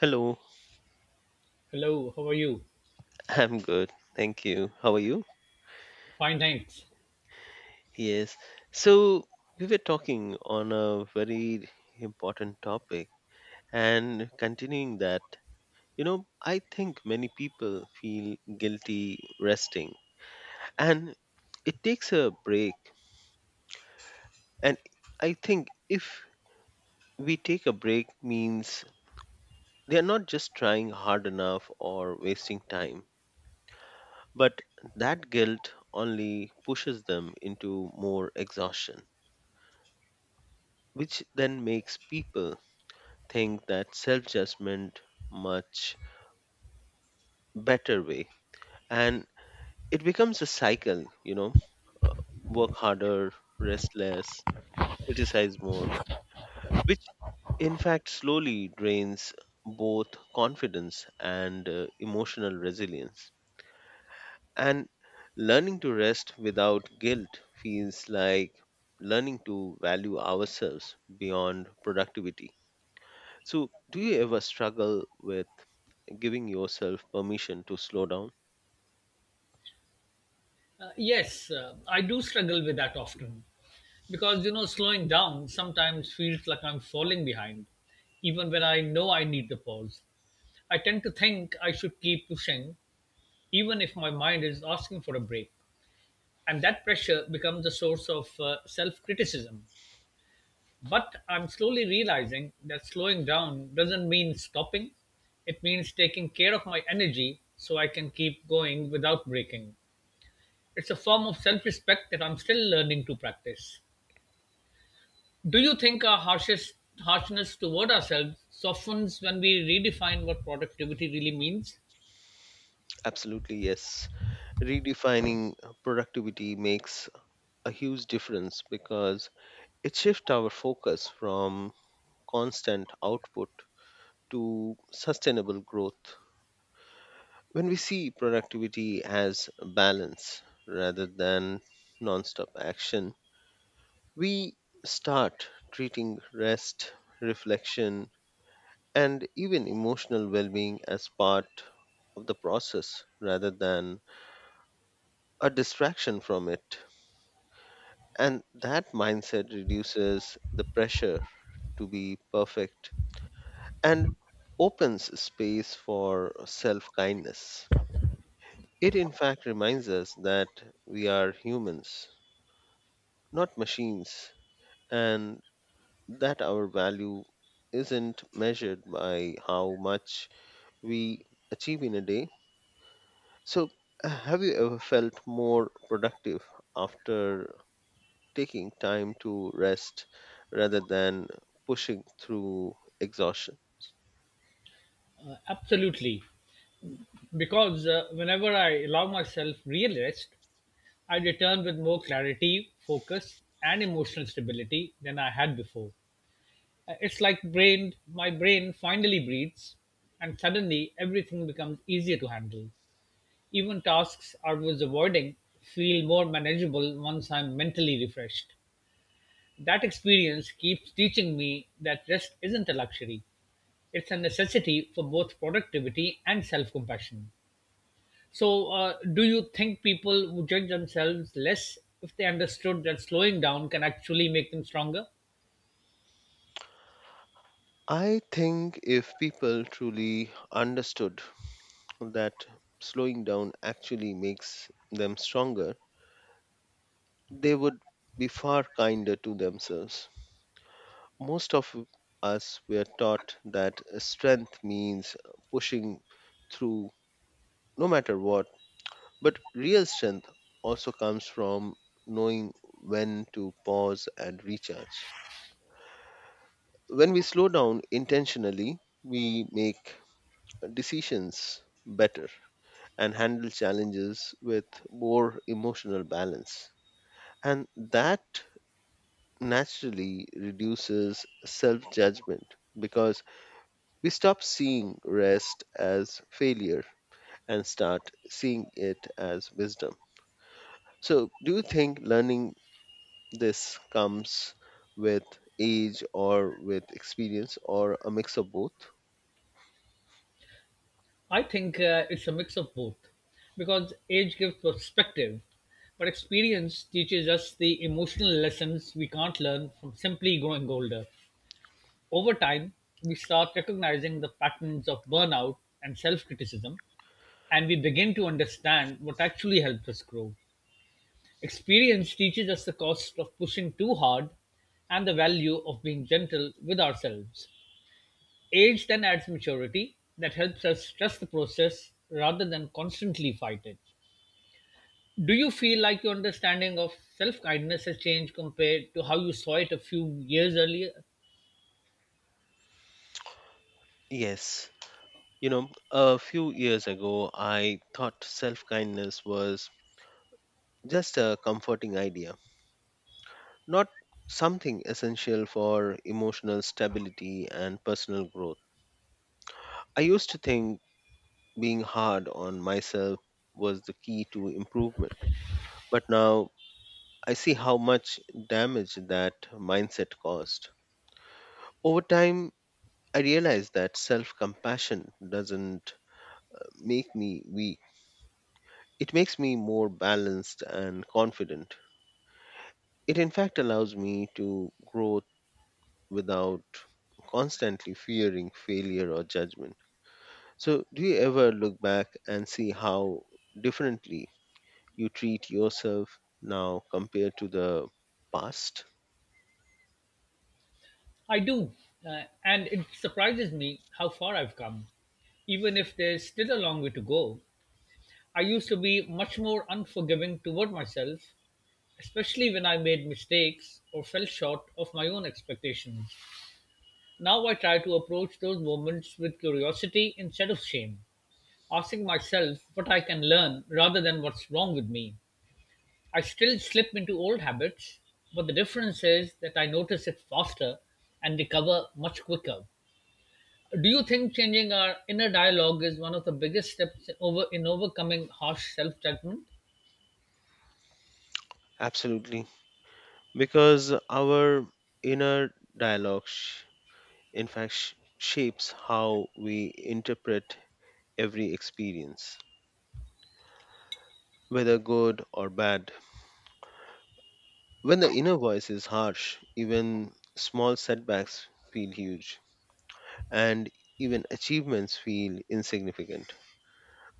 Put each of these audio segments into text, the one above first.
Hello, Hello, how are you? I'm good. Thank you. How are you? Fine, thanks. Yes. So, we were talking on a very important topic and continuing that, you know, I think many people feel guilty resting and it takes a break. And I think if we take a break means they are not just trying hard enough or wasting time, but that guilt only pushes them into more exhaustion. Which then makes people think that self judgment much better way and it becomes a cycle, you know, work harder, rest less, criticize more, which in fact slowly drains both confidence and emotional resilience, and learning to rest without guilt feels like learning to value ourselves beyond productivity. So do you ever struggle with giving yourself permission to slow down? Yes, I do struggle with that often because you know slowing down sometimes feels like I'm falling behind, even when I know I need the pause. I tend to think I should keep pushing, even if my mind is asking for a break, and that pressure becomes a source of self-criticism. But I'm slowly realizing that slowing down doesn't mean stopping; it means taking care of my energy so I can keep going without breaking. It's a form of self-respect that I'm still learning to practice. Do you think our harshest harshness toward ourselves softens when we redefine what productivity really means? Absolutely, yes. Redefining productivity makes a huge difference because it shifts our focus from constant output to sustainable growth. When we see productivity as balance rather than non-stop action, we start treating rest, reflection, and even emotional well being as part of the process rather than a distraction from it. And that mindset reduces the pressure to be perfect and opens space for self kindness. It, in fact, reminds us that we are humans, not machines, and that our value isn't measured by how much we achieve in a day. So, have you ever felt more productive after taking time to rest rather than pushing through exhaustion? Absolutely, because whenever I allow myself real rest, I return with more clarity, focus, and emotional stability than I had before. It's like my brain finally breathes, and suddenly everything becomes easier to handle. Even tasks I was avoiding feel more manageable once I'm mentally refreshed. That experience keeps teaching me that rest isn't a luxury, it's a necessity for both productivity and self compassion. So, do you think people would judge themselves less if they understood that slowing down can actually make them stronger? I think if people truly understood that slowing down actually makes them stronger, they would be far kinder to themselves. Most of us were taught that strength means pushing through no matter what, but real strength also comes from knowing when to pause and recharge. When we slow down intentionally, we make decisions better and handle challenges with more emotional balance. And that naturally reduces self judgment because we stop seeing rest as failure and start seeing it as wisdom. So, do you think learning this comes with age or with experience or a mix of both? I think it's a mix of both because age gives perspective, but experience teaches us the emotional lessons we can't learn from simply growing older. Over time, we start recognizing the patterns of burnout and self criticism, and we begin to understand what actually helps us grow. Experience teaches us the cost of pushing too hard and the value of being gentle with ourselves. Age then adds maturity that helps us trust the process rather than constantly fight it. Do you feel like your understanding of self kindness has changed compared to how you saw it a few years earlier? Yes, you know, a few years ago, I thought self kindness was just a comforting idea, not something essential for emotional stability and personal growth. I used to think being hard on myself was the key to improvement, but now I see how much damage that mindset caused. Over time, I realized that self compassion doesn't make me weak, it makes me more balanced and confident. It in fact allows me to grow without constantly fearing failure or judgment. So, do you ever look back and see how differently you treat yourself now compared to the past? I do, and it surprises me how far I've come. Even if there's still a long way to go, I used to be much more unforgiving toward myself, especially when I made mistakes or fell short of my own expectations. Now I try to approach those moments with curiosity instead of shame, asking myself what I can learn rather than what's wrong with me. I still slip into old habits, but the difference is that I notice it faster and recover much quicker. Do you think changing our inner dialogue is one of the biggest steps over in overcoming harsh self-judgment? Absolutely. Because our inner dialogue, shapes how we interpret every experience, whether good or bad. When the inner voice is harsh, even small setbacks feel huge and even achievements feel insignificant.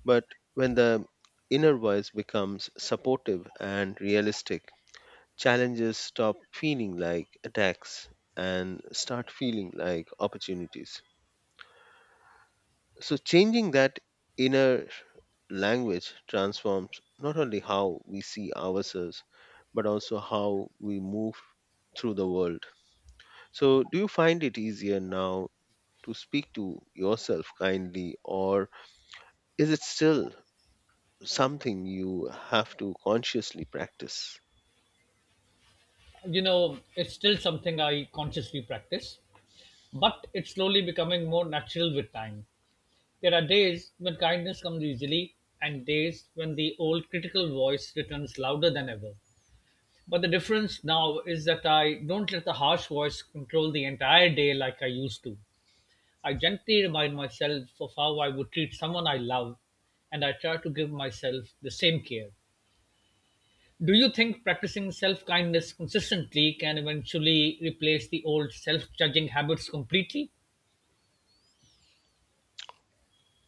But when the inner voice becomes supportive and realistic, challenges stop feeling like attacks and start feeling like opportunities. So, changing that inner language transforms not only how we see ourselves, but also how we move through the world. So, do you find it easier now to speak to yourself kindly, or is it still something you have to consciously practice? You know, it's still something I consciously practice, but it's slowly becoming more natural with time. There are days when kindness comes easily and days when the old critical voice returns louder than ever. But the difference now is that I don't let the harsh voice control the entire day like I used to. I gently remind myself of how I would treat someone I love, and I try to give myself the same care. Do you think practicing self kindness consistently can eventually replace the old self judging habits completely?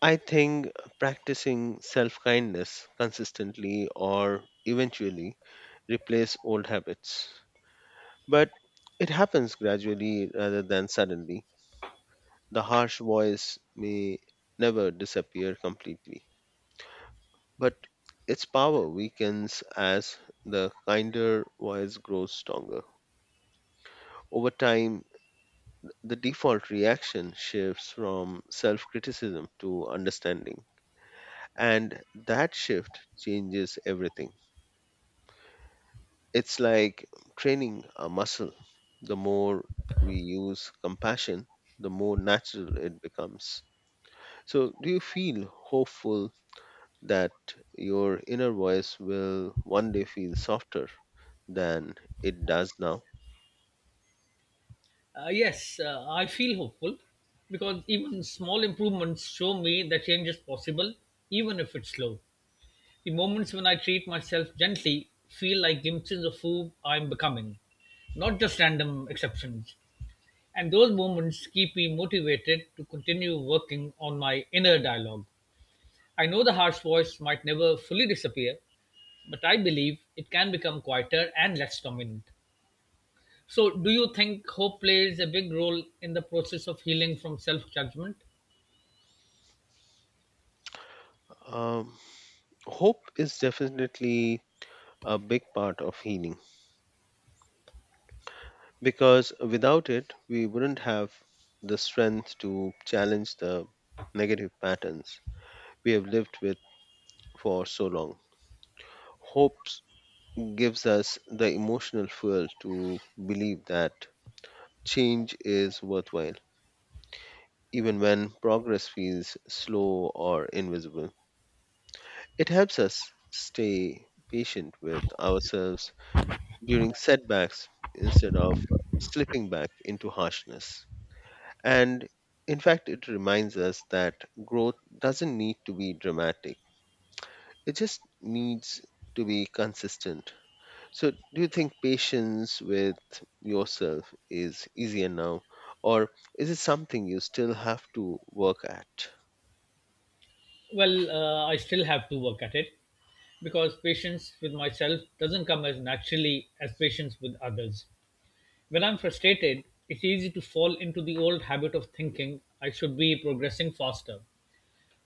I think practicing self kindness consistently or eventually replace old habits. But it happens gradually rather than suddenly. The harsh voice may never disappear completely. But its power weakens as the kinder voice grows stronger. Over time, the default reaction shifts from self criticism to understanding. And that shift changes everything. It's like training a muscle. The more we use compassion, the more natural it becomes. So, do you feel hopeful that your inner voice will one day feel softer than it does now? Yes, I feel hopeful because even small improvements show me that change is possible, even if it's slow. The moments when I treat myself gently feel like glimpses of who I'm becoming, not just random exceptions. And those moments keep me motivated to continue working on my inner dialogue. I know the harsh voice might never fully disappear, but I believe it can become quieter and less dominant. So, do you think hope plays a big role in the process of healing from self judgment? Um, Hope is definitely a big part of healing because without it, we wouldn't have the strength to challenge the negative patterns we have lived with for so long. Hope gives us the emotional fuel to believe that change is worthwhile, even when progress feels slow or invisible. It helps us stay patient with ourselves during setbacks instead of slipping back into harshness. And in fact, it reminds us that growth doesn't need to be dramatic, it just needs to be consistent. So, do you think patience with yourself is easier now, or is it something you still have to work at? Well, I still have to work at it, because patience with myself doesn't come as naturally as patience with others. When I'm frustrated, it's easy to fall into the old habit of thinking I should be progressing faster.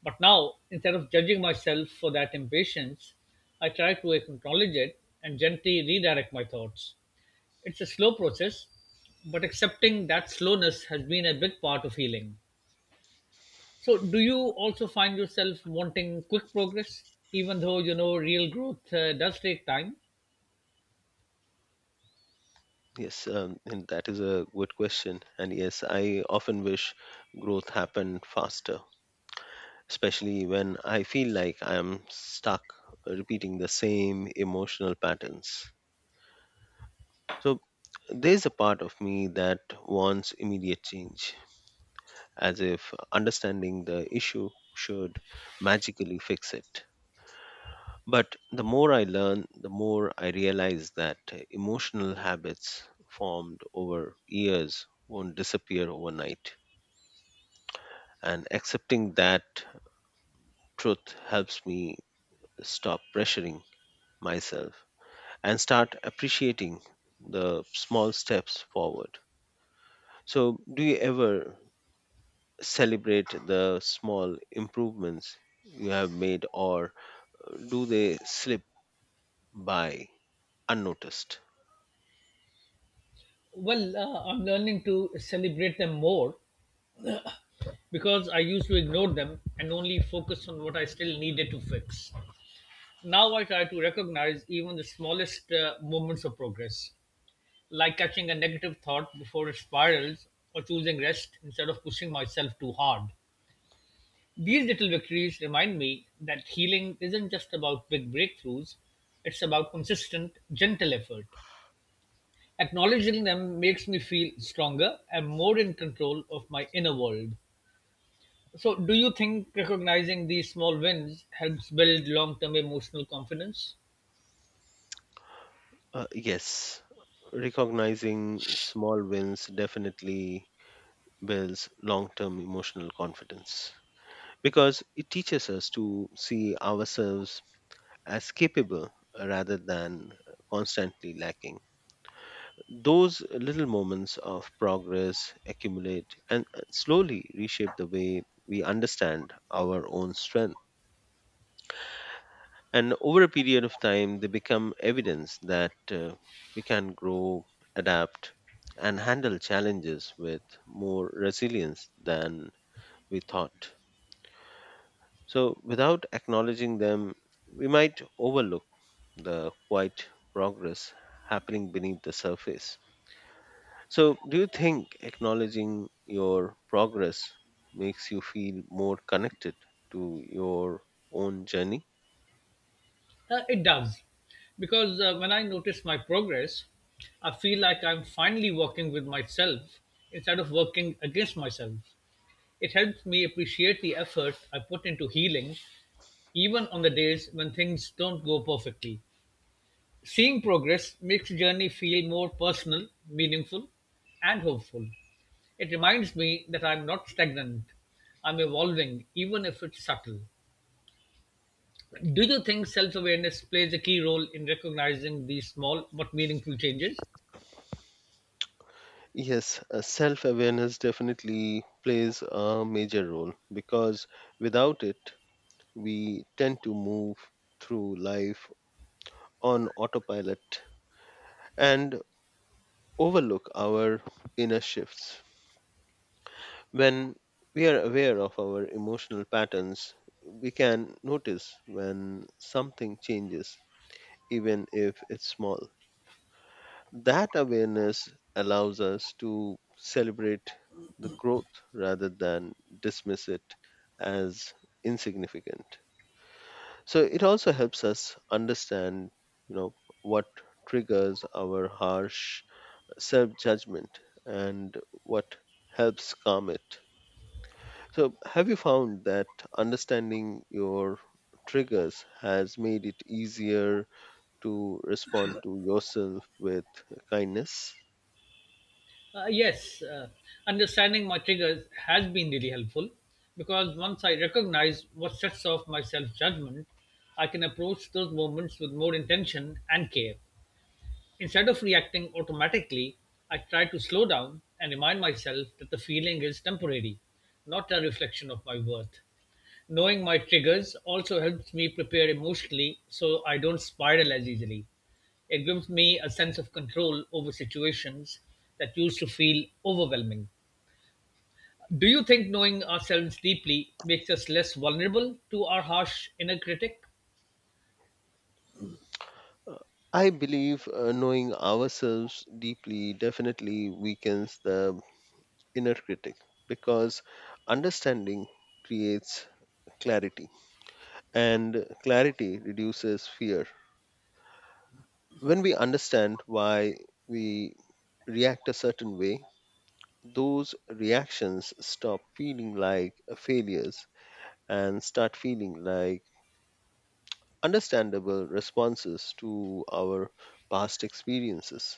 But now, instead of judging myself for that impatience, I try to acknowledge it and gently redirect my thoughts. It's a slow process, but accepting that slowness has been a big part of healing. So, do you also find yourself wanting quick progress, even though you know real growth does take time? Yes, and that is a good question. And yes, I often wish growth happened faster, especially when I feel like I am stuck repeating the same emotional patterns. So there's a part of me that wants immediate change, as if understanding the issue should magically fix it. But the more I learn, the more I realize that emotional habits formed over years won't disappear overnight. And accepting that truth helps me stop pressuring myself and start appreciating the small steps forward. So, do you ever celebrate the small improvements you have made, or do they slip by unnoticed? Well, I'm learning to celebrate them more because I used to ignore them and only focus on what I still needed to fix. Now I try to recognize even the smallest moments of progress, like catching a negative thought before it spirals or choosing rest instead of pushing myself too hard. These little victories remind me that healing isn't just about big breakthroughs, it's about consistent, gentle effort. Acknowledging them makes me feel stronger and more in control of my inner world. So, do you think recognizing these small wins helps build long term emotional confidence? Yes, recognizing small wins definitely builds long term emotional confidence because it teaches us to see ourselves as capable rather than constantly lacking. Those little moments of progress accumulate and slowly reshape the way we understand our own strength. And over a period of time, they become evidence that we can grow, adapt, and handle challenges with more resilience than we thought. So, without acknowledging them, we might overlook the quiet progress happening beneath the surface. So, do you think acknowledging your progress makes you feel more connected to your own journey? It does. Because when I notice my progress, I feel like I'm finally working with myself instead of working against myself. It helps me appreciate the effort I put into healing, even on the days when things don't go perfectly. Seeing progress makes the journey feel more personal, meaningful, and hopeful. It reminds me that I'm not stagnant, I'm evolving, even if it's subtle. Do you think self awareness plays a key role in recognizing these small but meaningful changes? Yes, self awareness definitely plays a major role because without it, we tend to move through life on autopilot and overlook our inner shifts. When we are aware of our emotional patterns, we can notice when something changes even if it's small. That awareness allows us to celebrate the growth rather than dismiss it as insignificant. So it also helps us understand, you know, what triggers our harsh self-judgment and what helps calm it. So have you found that understanding your triggers has made it easier to respond to yourself with kindness? Uh, yes, uh, understanding my triggers has been really helpful because once I recognize what sets off my self judgment, I can approach those moments with more intention and care. Instead of reacting automatically, I try to slow down and remind myself that the feeling is temporary, not a reflection of my worth. Knowing my triggers also helps me prepare emotionally so I don't spiral as easily. It gives me a sense of control over situations that used to feel overwhelming. Do you think knowing ourselves deeply makes us less vulnerable to our harsh inner critic? Uh, I believe knowing ourselves deeply definitely weakens the inner critic because understanding creates clarity and clarity reduces fear. When we understand why we react a certain way, those reactions stop feeling like failures and start feeling like understandable responses to our past experiences.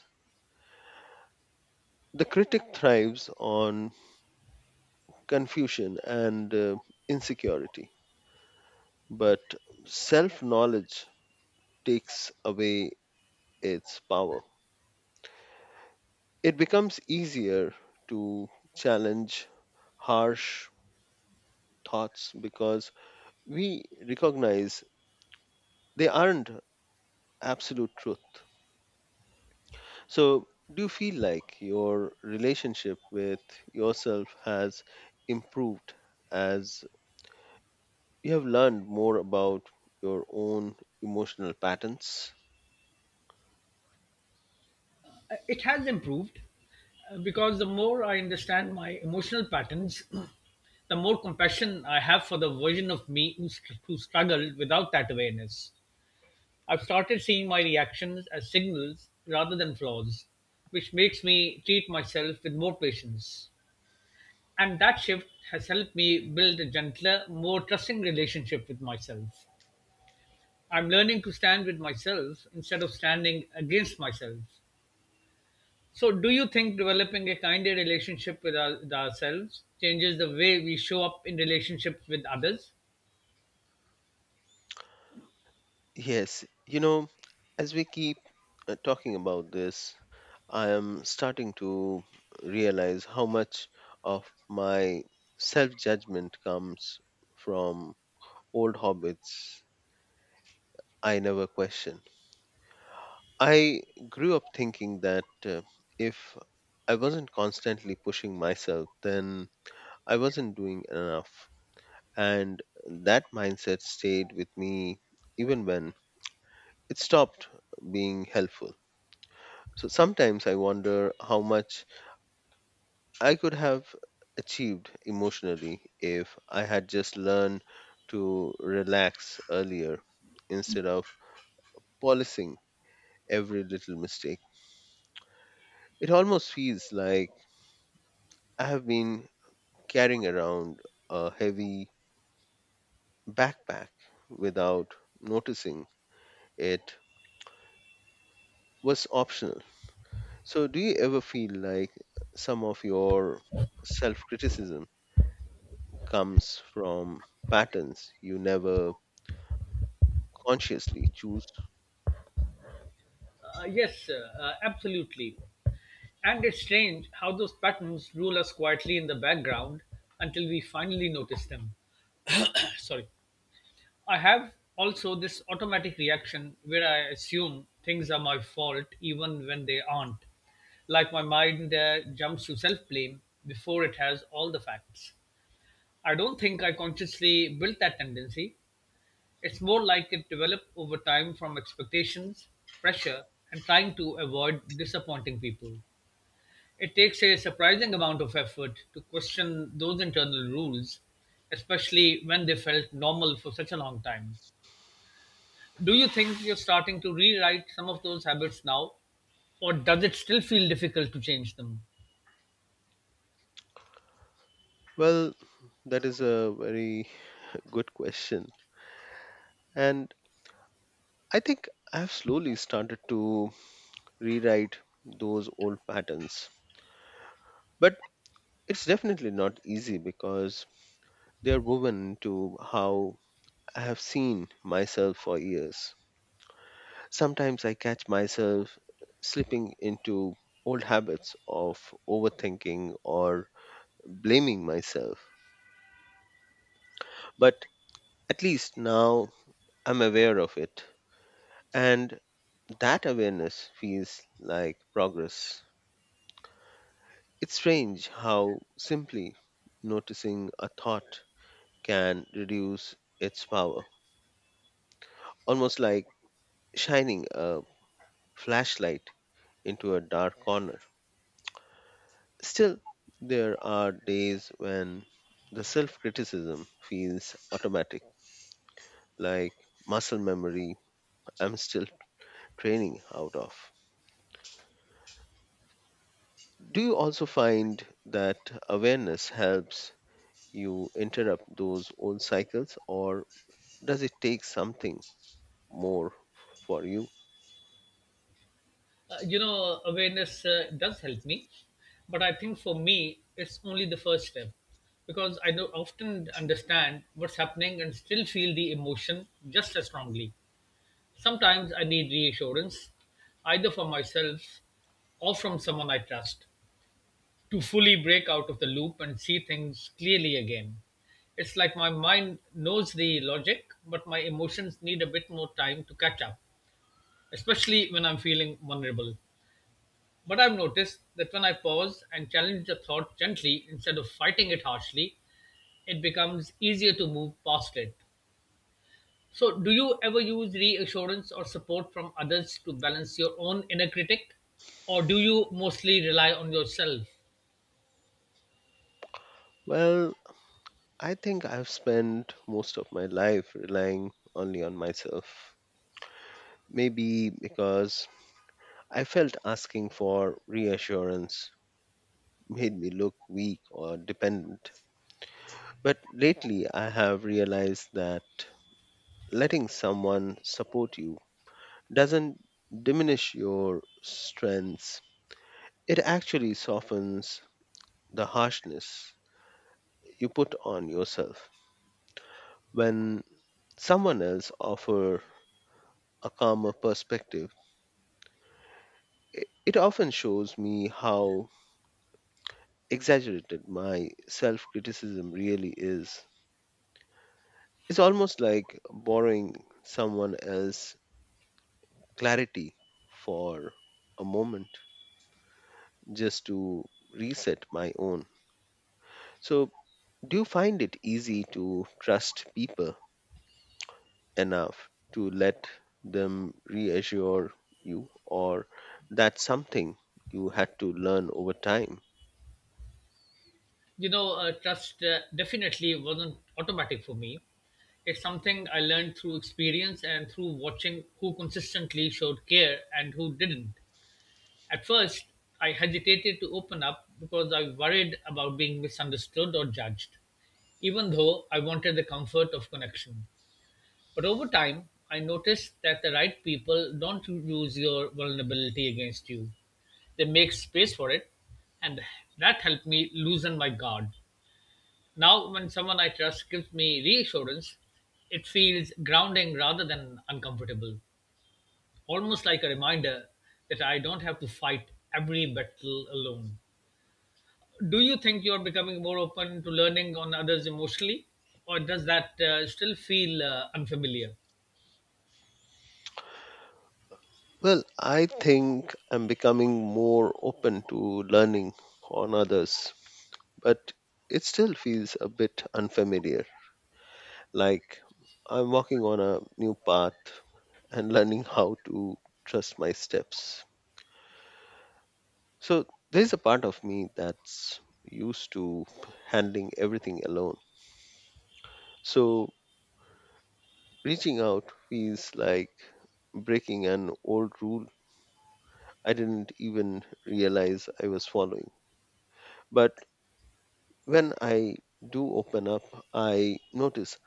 The critic thrives on confusion and insecurity, but self knowledge takes away its power. It becomes easier to challenge harsh thoughts because we recognize they aren't absolute truth. So, do you feel like your relationship with yourself has improved as you have learned more about your own emotional patterns? It has improved, because the more I understand my emotional patterns, the more compassion I have for the version of me who struggled without that awareness. I've started seeing my reactions as signals rather than flaws, which makes me treat myself with more patience. And that shift has helped me build a gentler, more trusting relationship with myself. I'm learning to stand with myself instead of standing against myself. So, do you think developing a kinder relationship with ourselves changes the way we show up in relationships with others? Yes, you know, as we keep talking about this, I am starting to realize how much of my self judgment comes from old habits I never question. I grew up thinking that if I wasn't constantly pushing myself, then I wasn't doing enough. And that mindset stayed with me even when it stopped being helpful. So sometimes I wonder how much I could have achieved emotionally if I had just learned to relax earlier instead of policing every little mistake. It almost feels like I have been carrying around a heavy backpack without noticing it was optional. So, do you ever feel like some of your self criticism comes from patterns you never consciously choose? Yes, absolutely. And it's strange how those patterns rule us quietly in the background until we finally notice them. Sorry. I have also this automatic reaction where I assume things are my fault even when they aren't. Like my mind jumps to self blame before it has all the facts. I don't think I consciously built that tendency. It's more like it developed over time from expectations, pressure, and trying to avoid disappointing people. It takes a surprising amount of effort to question those internal rules, especially when they felt normal for such a long time. Do you think you're starting to rewrite some of those habits now, or does it still feel difficult to change them? Well, that is a very good question. And I think I've slowly started to rewrite those old patterns. But it's definitely not easy because they're woven into how I have seen myself for years. Sometimes I catch myself slipping into old habits of overthinking or blaming myself. But at least now I'm aware of it. And that awareness feels like progress. It's strange how simply noticing a thought can reduce its power, almost like shining a flashlight into a dark corner. Still, there are days when the self criticism feels automatic, like muscle memory I'm still training out of. Do you also find that awareness helps you interrupt those old cycles, or does it take something more for you? You know, awareness does help me, but I think for me, it's only the first step because I do often understand what's happening and still feel the emotion just as strongly. Sometimes I need reassurance, either for myself or from someone I trust, to fully break out of the loop and see things clearly again. It's like my mind knows the logic, but my emotions need a bit more time to catch up, especially when I'm feeling vulnerable. But I've noticed that when I pause and challenge a thought gently instead of fighting it harshly, it becomes easier to move past it. So, do you ever use reassurance or support from others to balance your own inner critic? Or do you mostly rely on yourself? Well, I think I've spent most of my life relying only on myself. Maybe because I felt asking for reassurance made me look weak or dependent. But lately, I have realized that letting someone support you doesn't diminish your strengths, it actually softens the harshness you put on yourself. When someone else offers a calmer perspective, it often shows me how exaggerated my self criticism really is. It's almost like borrowing someone else's clarity for a moment just to reset my own. So, do you find it easy to trust people enough to let them reassure you, or that's something you had to learn over time? You know, trust definitely wasn't automatic for me. It's something I learned through experience and through watching who consistently showed care and who didn't. At first, I hesitated to open up because I worried about being misunderstood or judged, even though I wanted the comfort of connection. But over time, I noticed that the right people don't use your vulnerability against you. They make space for it, and that helped me loosen my guard. Now, when someone I trust gives me reassurance, it feels grounding rather than uncomfortable, almost like a reminder that I don't have to fight every battle alone. Do you think you're becoming more open to learning on others emotionally, or does that still feel unfamiliar? Well, I think I'm becoming more open to learning on others, but it still feels a bit unfamiliar. Like I'm walking on a new path and learning how to trust my steps. So there's a part of me that's used to handling everything alone. So reaching out feels like breaking an old rule I didn't even realize I was following. But when I do open up, I notice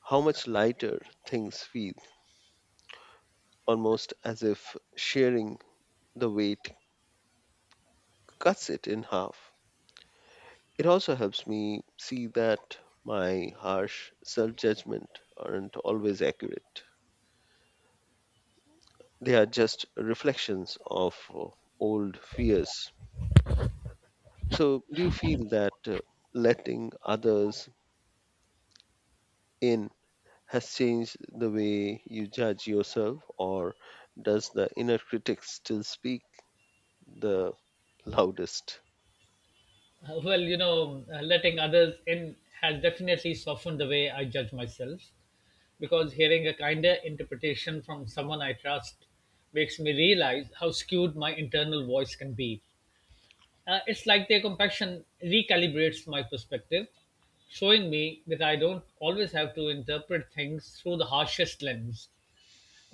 how much lighter things feel, almost as if sharing the weight cuts it in half. It also helps me see that my harsh self judgment aren't always accurate. They are just reflections of old fears. So, do you feel that letting others in has changed the way you judge yourself, or does the inner critic still speak the loudest? Well, you know, letting others in has definitely softened the way I judge myself because hearing a kinder interpretation from someone I trust makes me realize how skewed my internal voice can be. It's like their compaction recalibrates my perspective, showing me that I don't always have to interpret things through the harshest lens.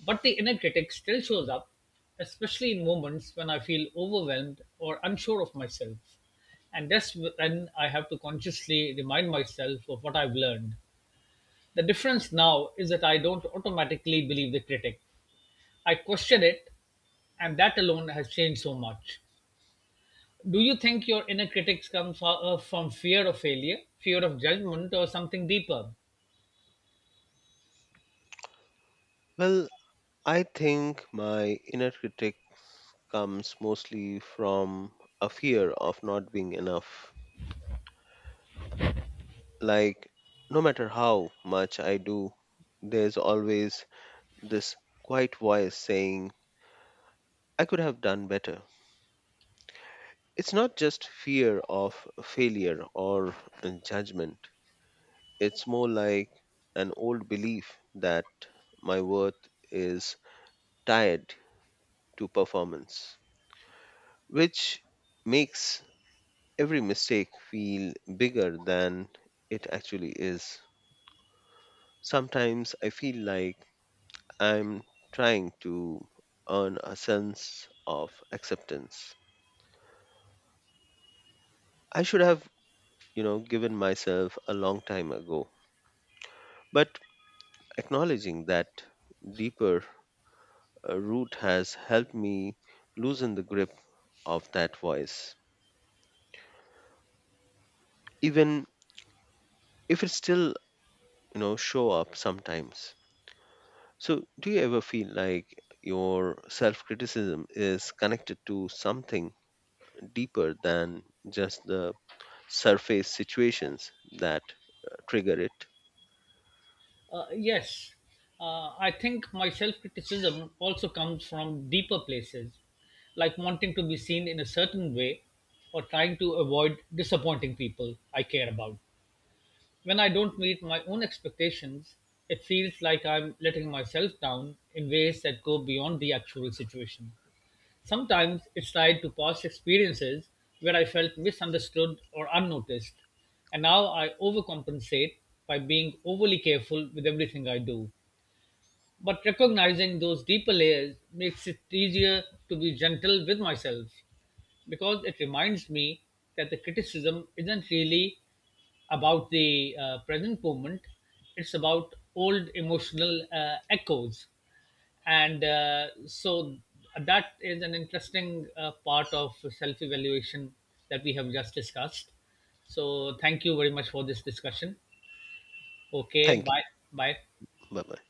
But the inner critic still shows up, especially in moments when I feel overwhelmed or unsure of myself. And that's when I have to consciously remind myself of what I've learned. The difference now is that I don't automatically believe the critic, I question it, and that alone has changed so much. Do you think your inner critics comes from fear of failure, fear of judgment, or something deeper? Well, I think my inner critic comes mostly from a fear of not being enough. Like, no matter how much I do, there's always this quiet voice saying, I could have done better. It's not just fear of failure or judgment, it's more like an old belief that my worth is tied to performance, which makes every mistake feel bigger than it actually is. Sometimes I feel like I'm trying to earn a sense of acceptance I should have, you know, given myself a long time ago. But acknowledging that deeper root has helped me loosen the grip of that voice, even if it still, you know, show up sometimes. So, do you ever feel like your self criticism is connected to something deeper than just the surface situations that trigger it? Uh, yes, I think my self criticism also comes from deeper places, like wanting to be seen in a certain way or trying to avoid disappointing people I care about. When I don't meet my own expectations, it feels like I'm letting myself down in ways that go beyond the actual situation. Sometimes it's tied to past experiences where I felt misunderstood or unnoticed, and now I overcompensate by being overly careful with everything I do. But recognizing those deeper layers makes it easier to be gentle with myself because it reminds me that the criticism isn't really about the present moment. It's about old emotional echoes, and so that is an interesting part of self-evaluation that we have just discussed. So thank you very much for this discussion. Okay, Thank bye, bye. you. Bye bye.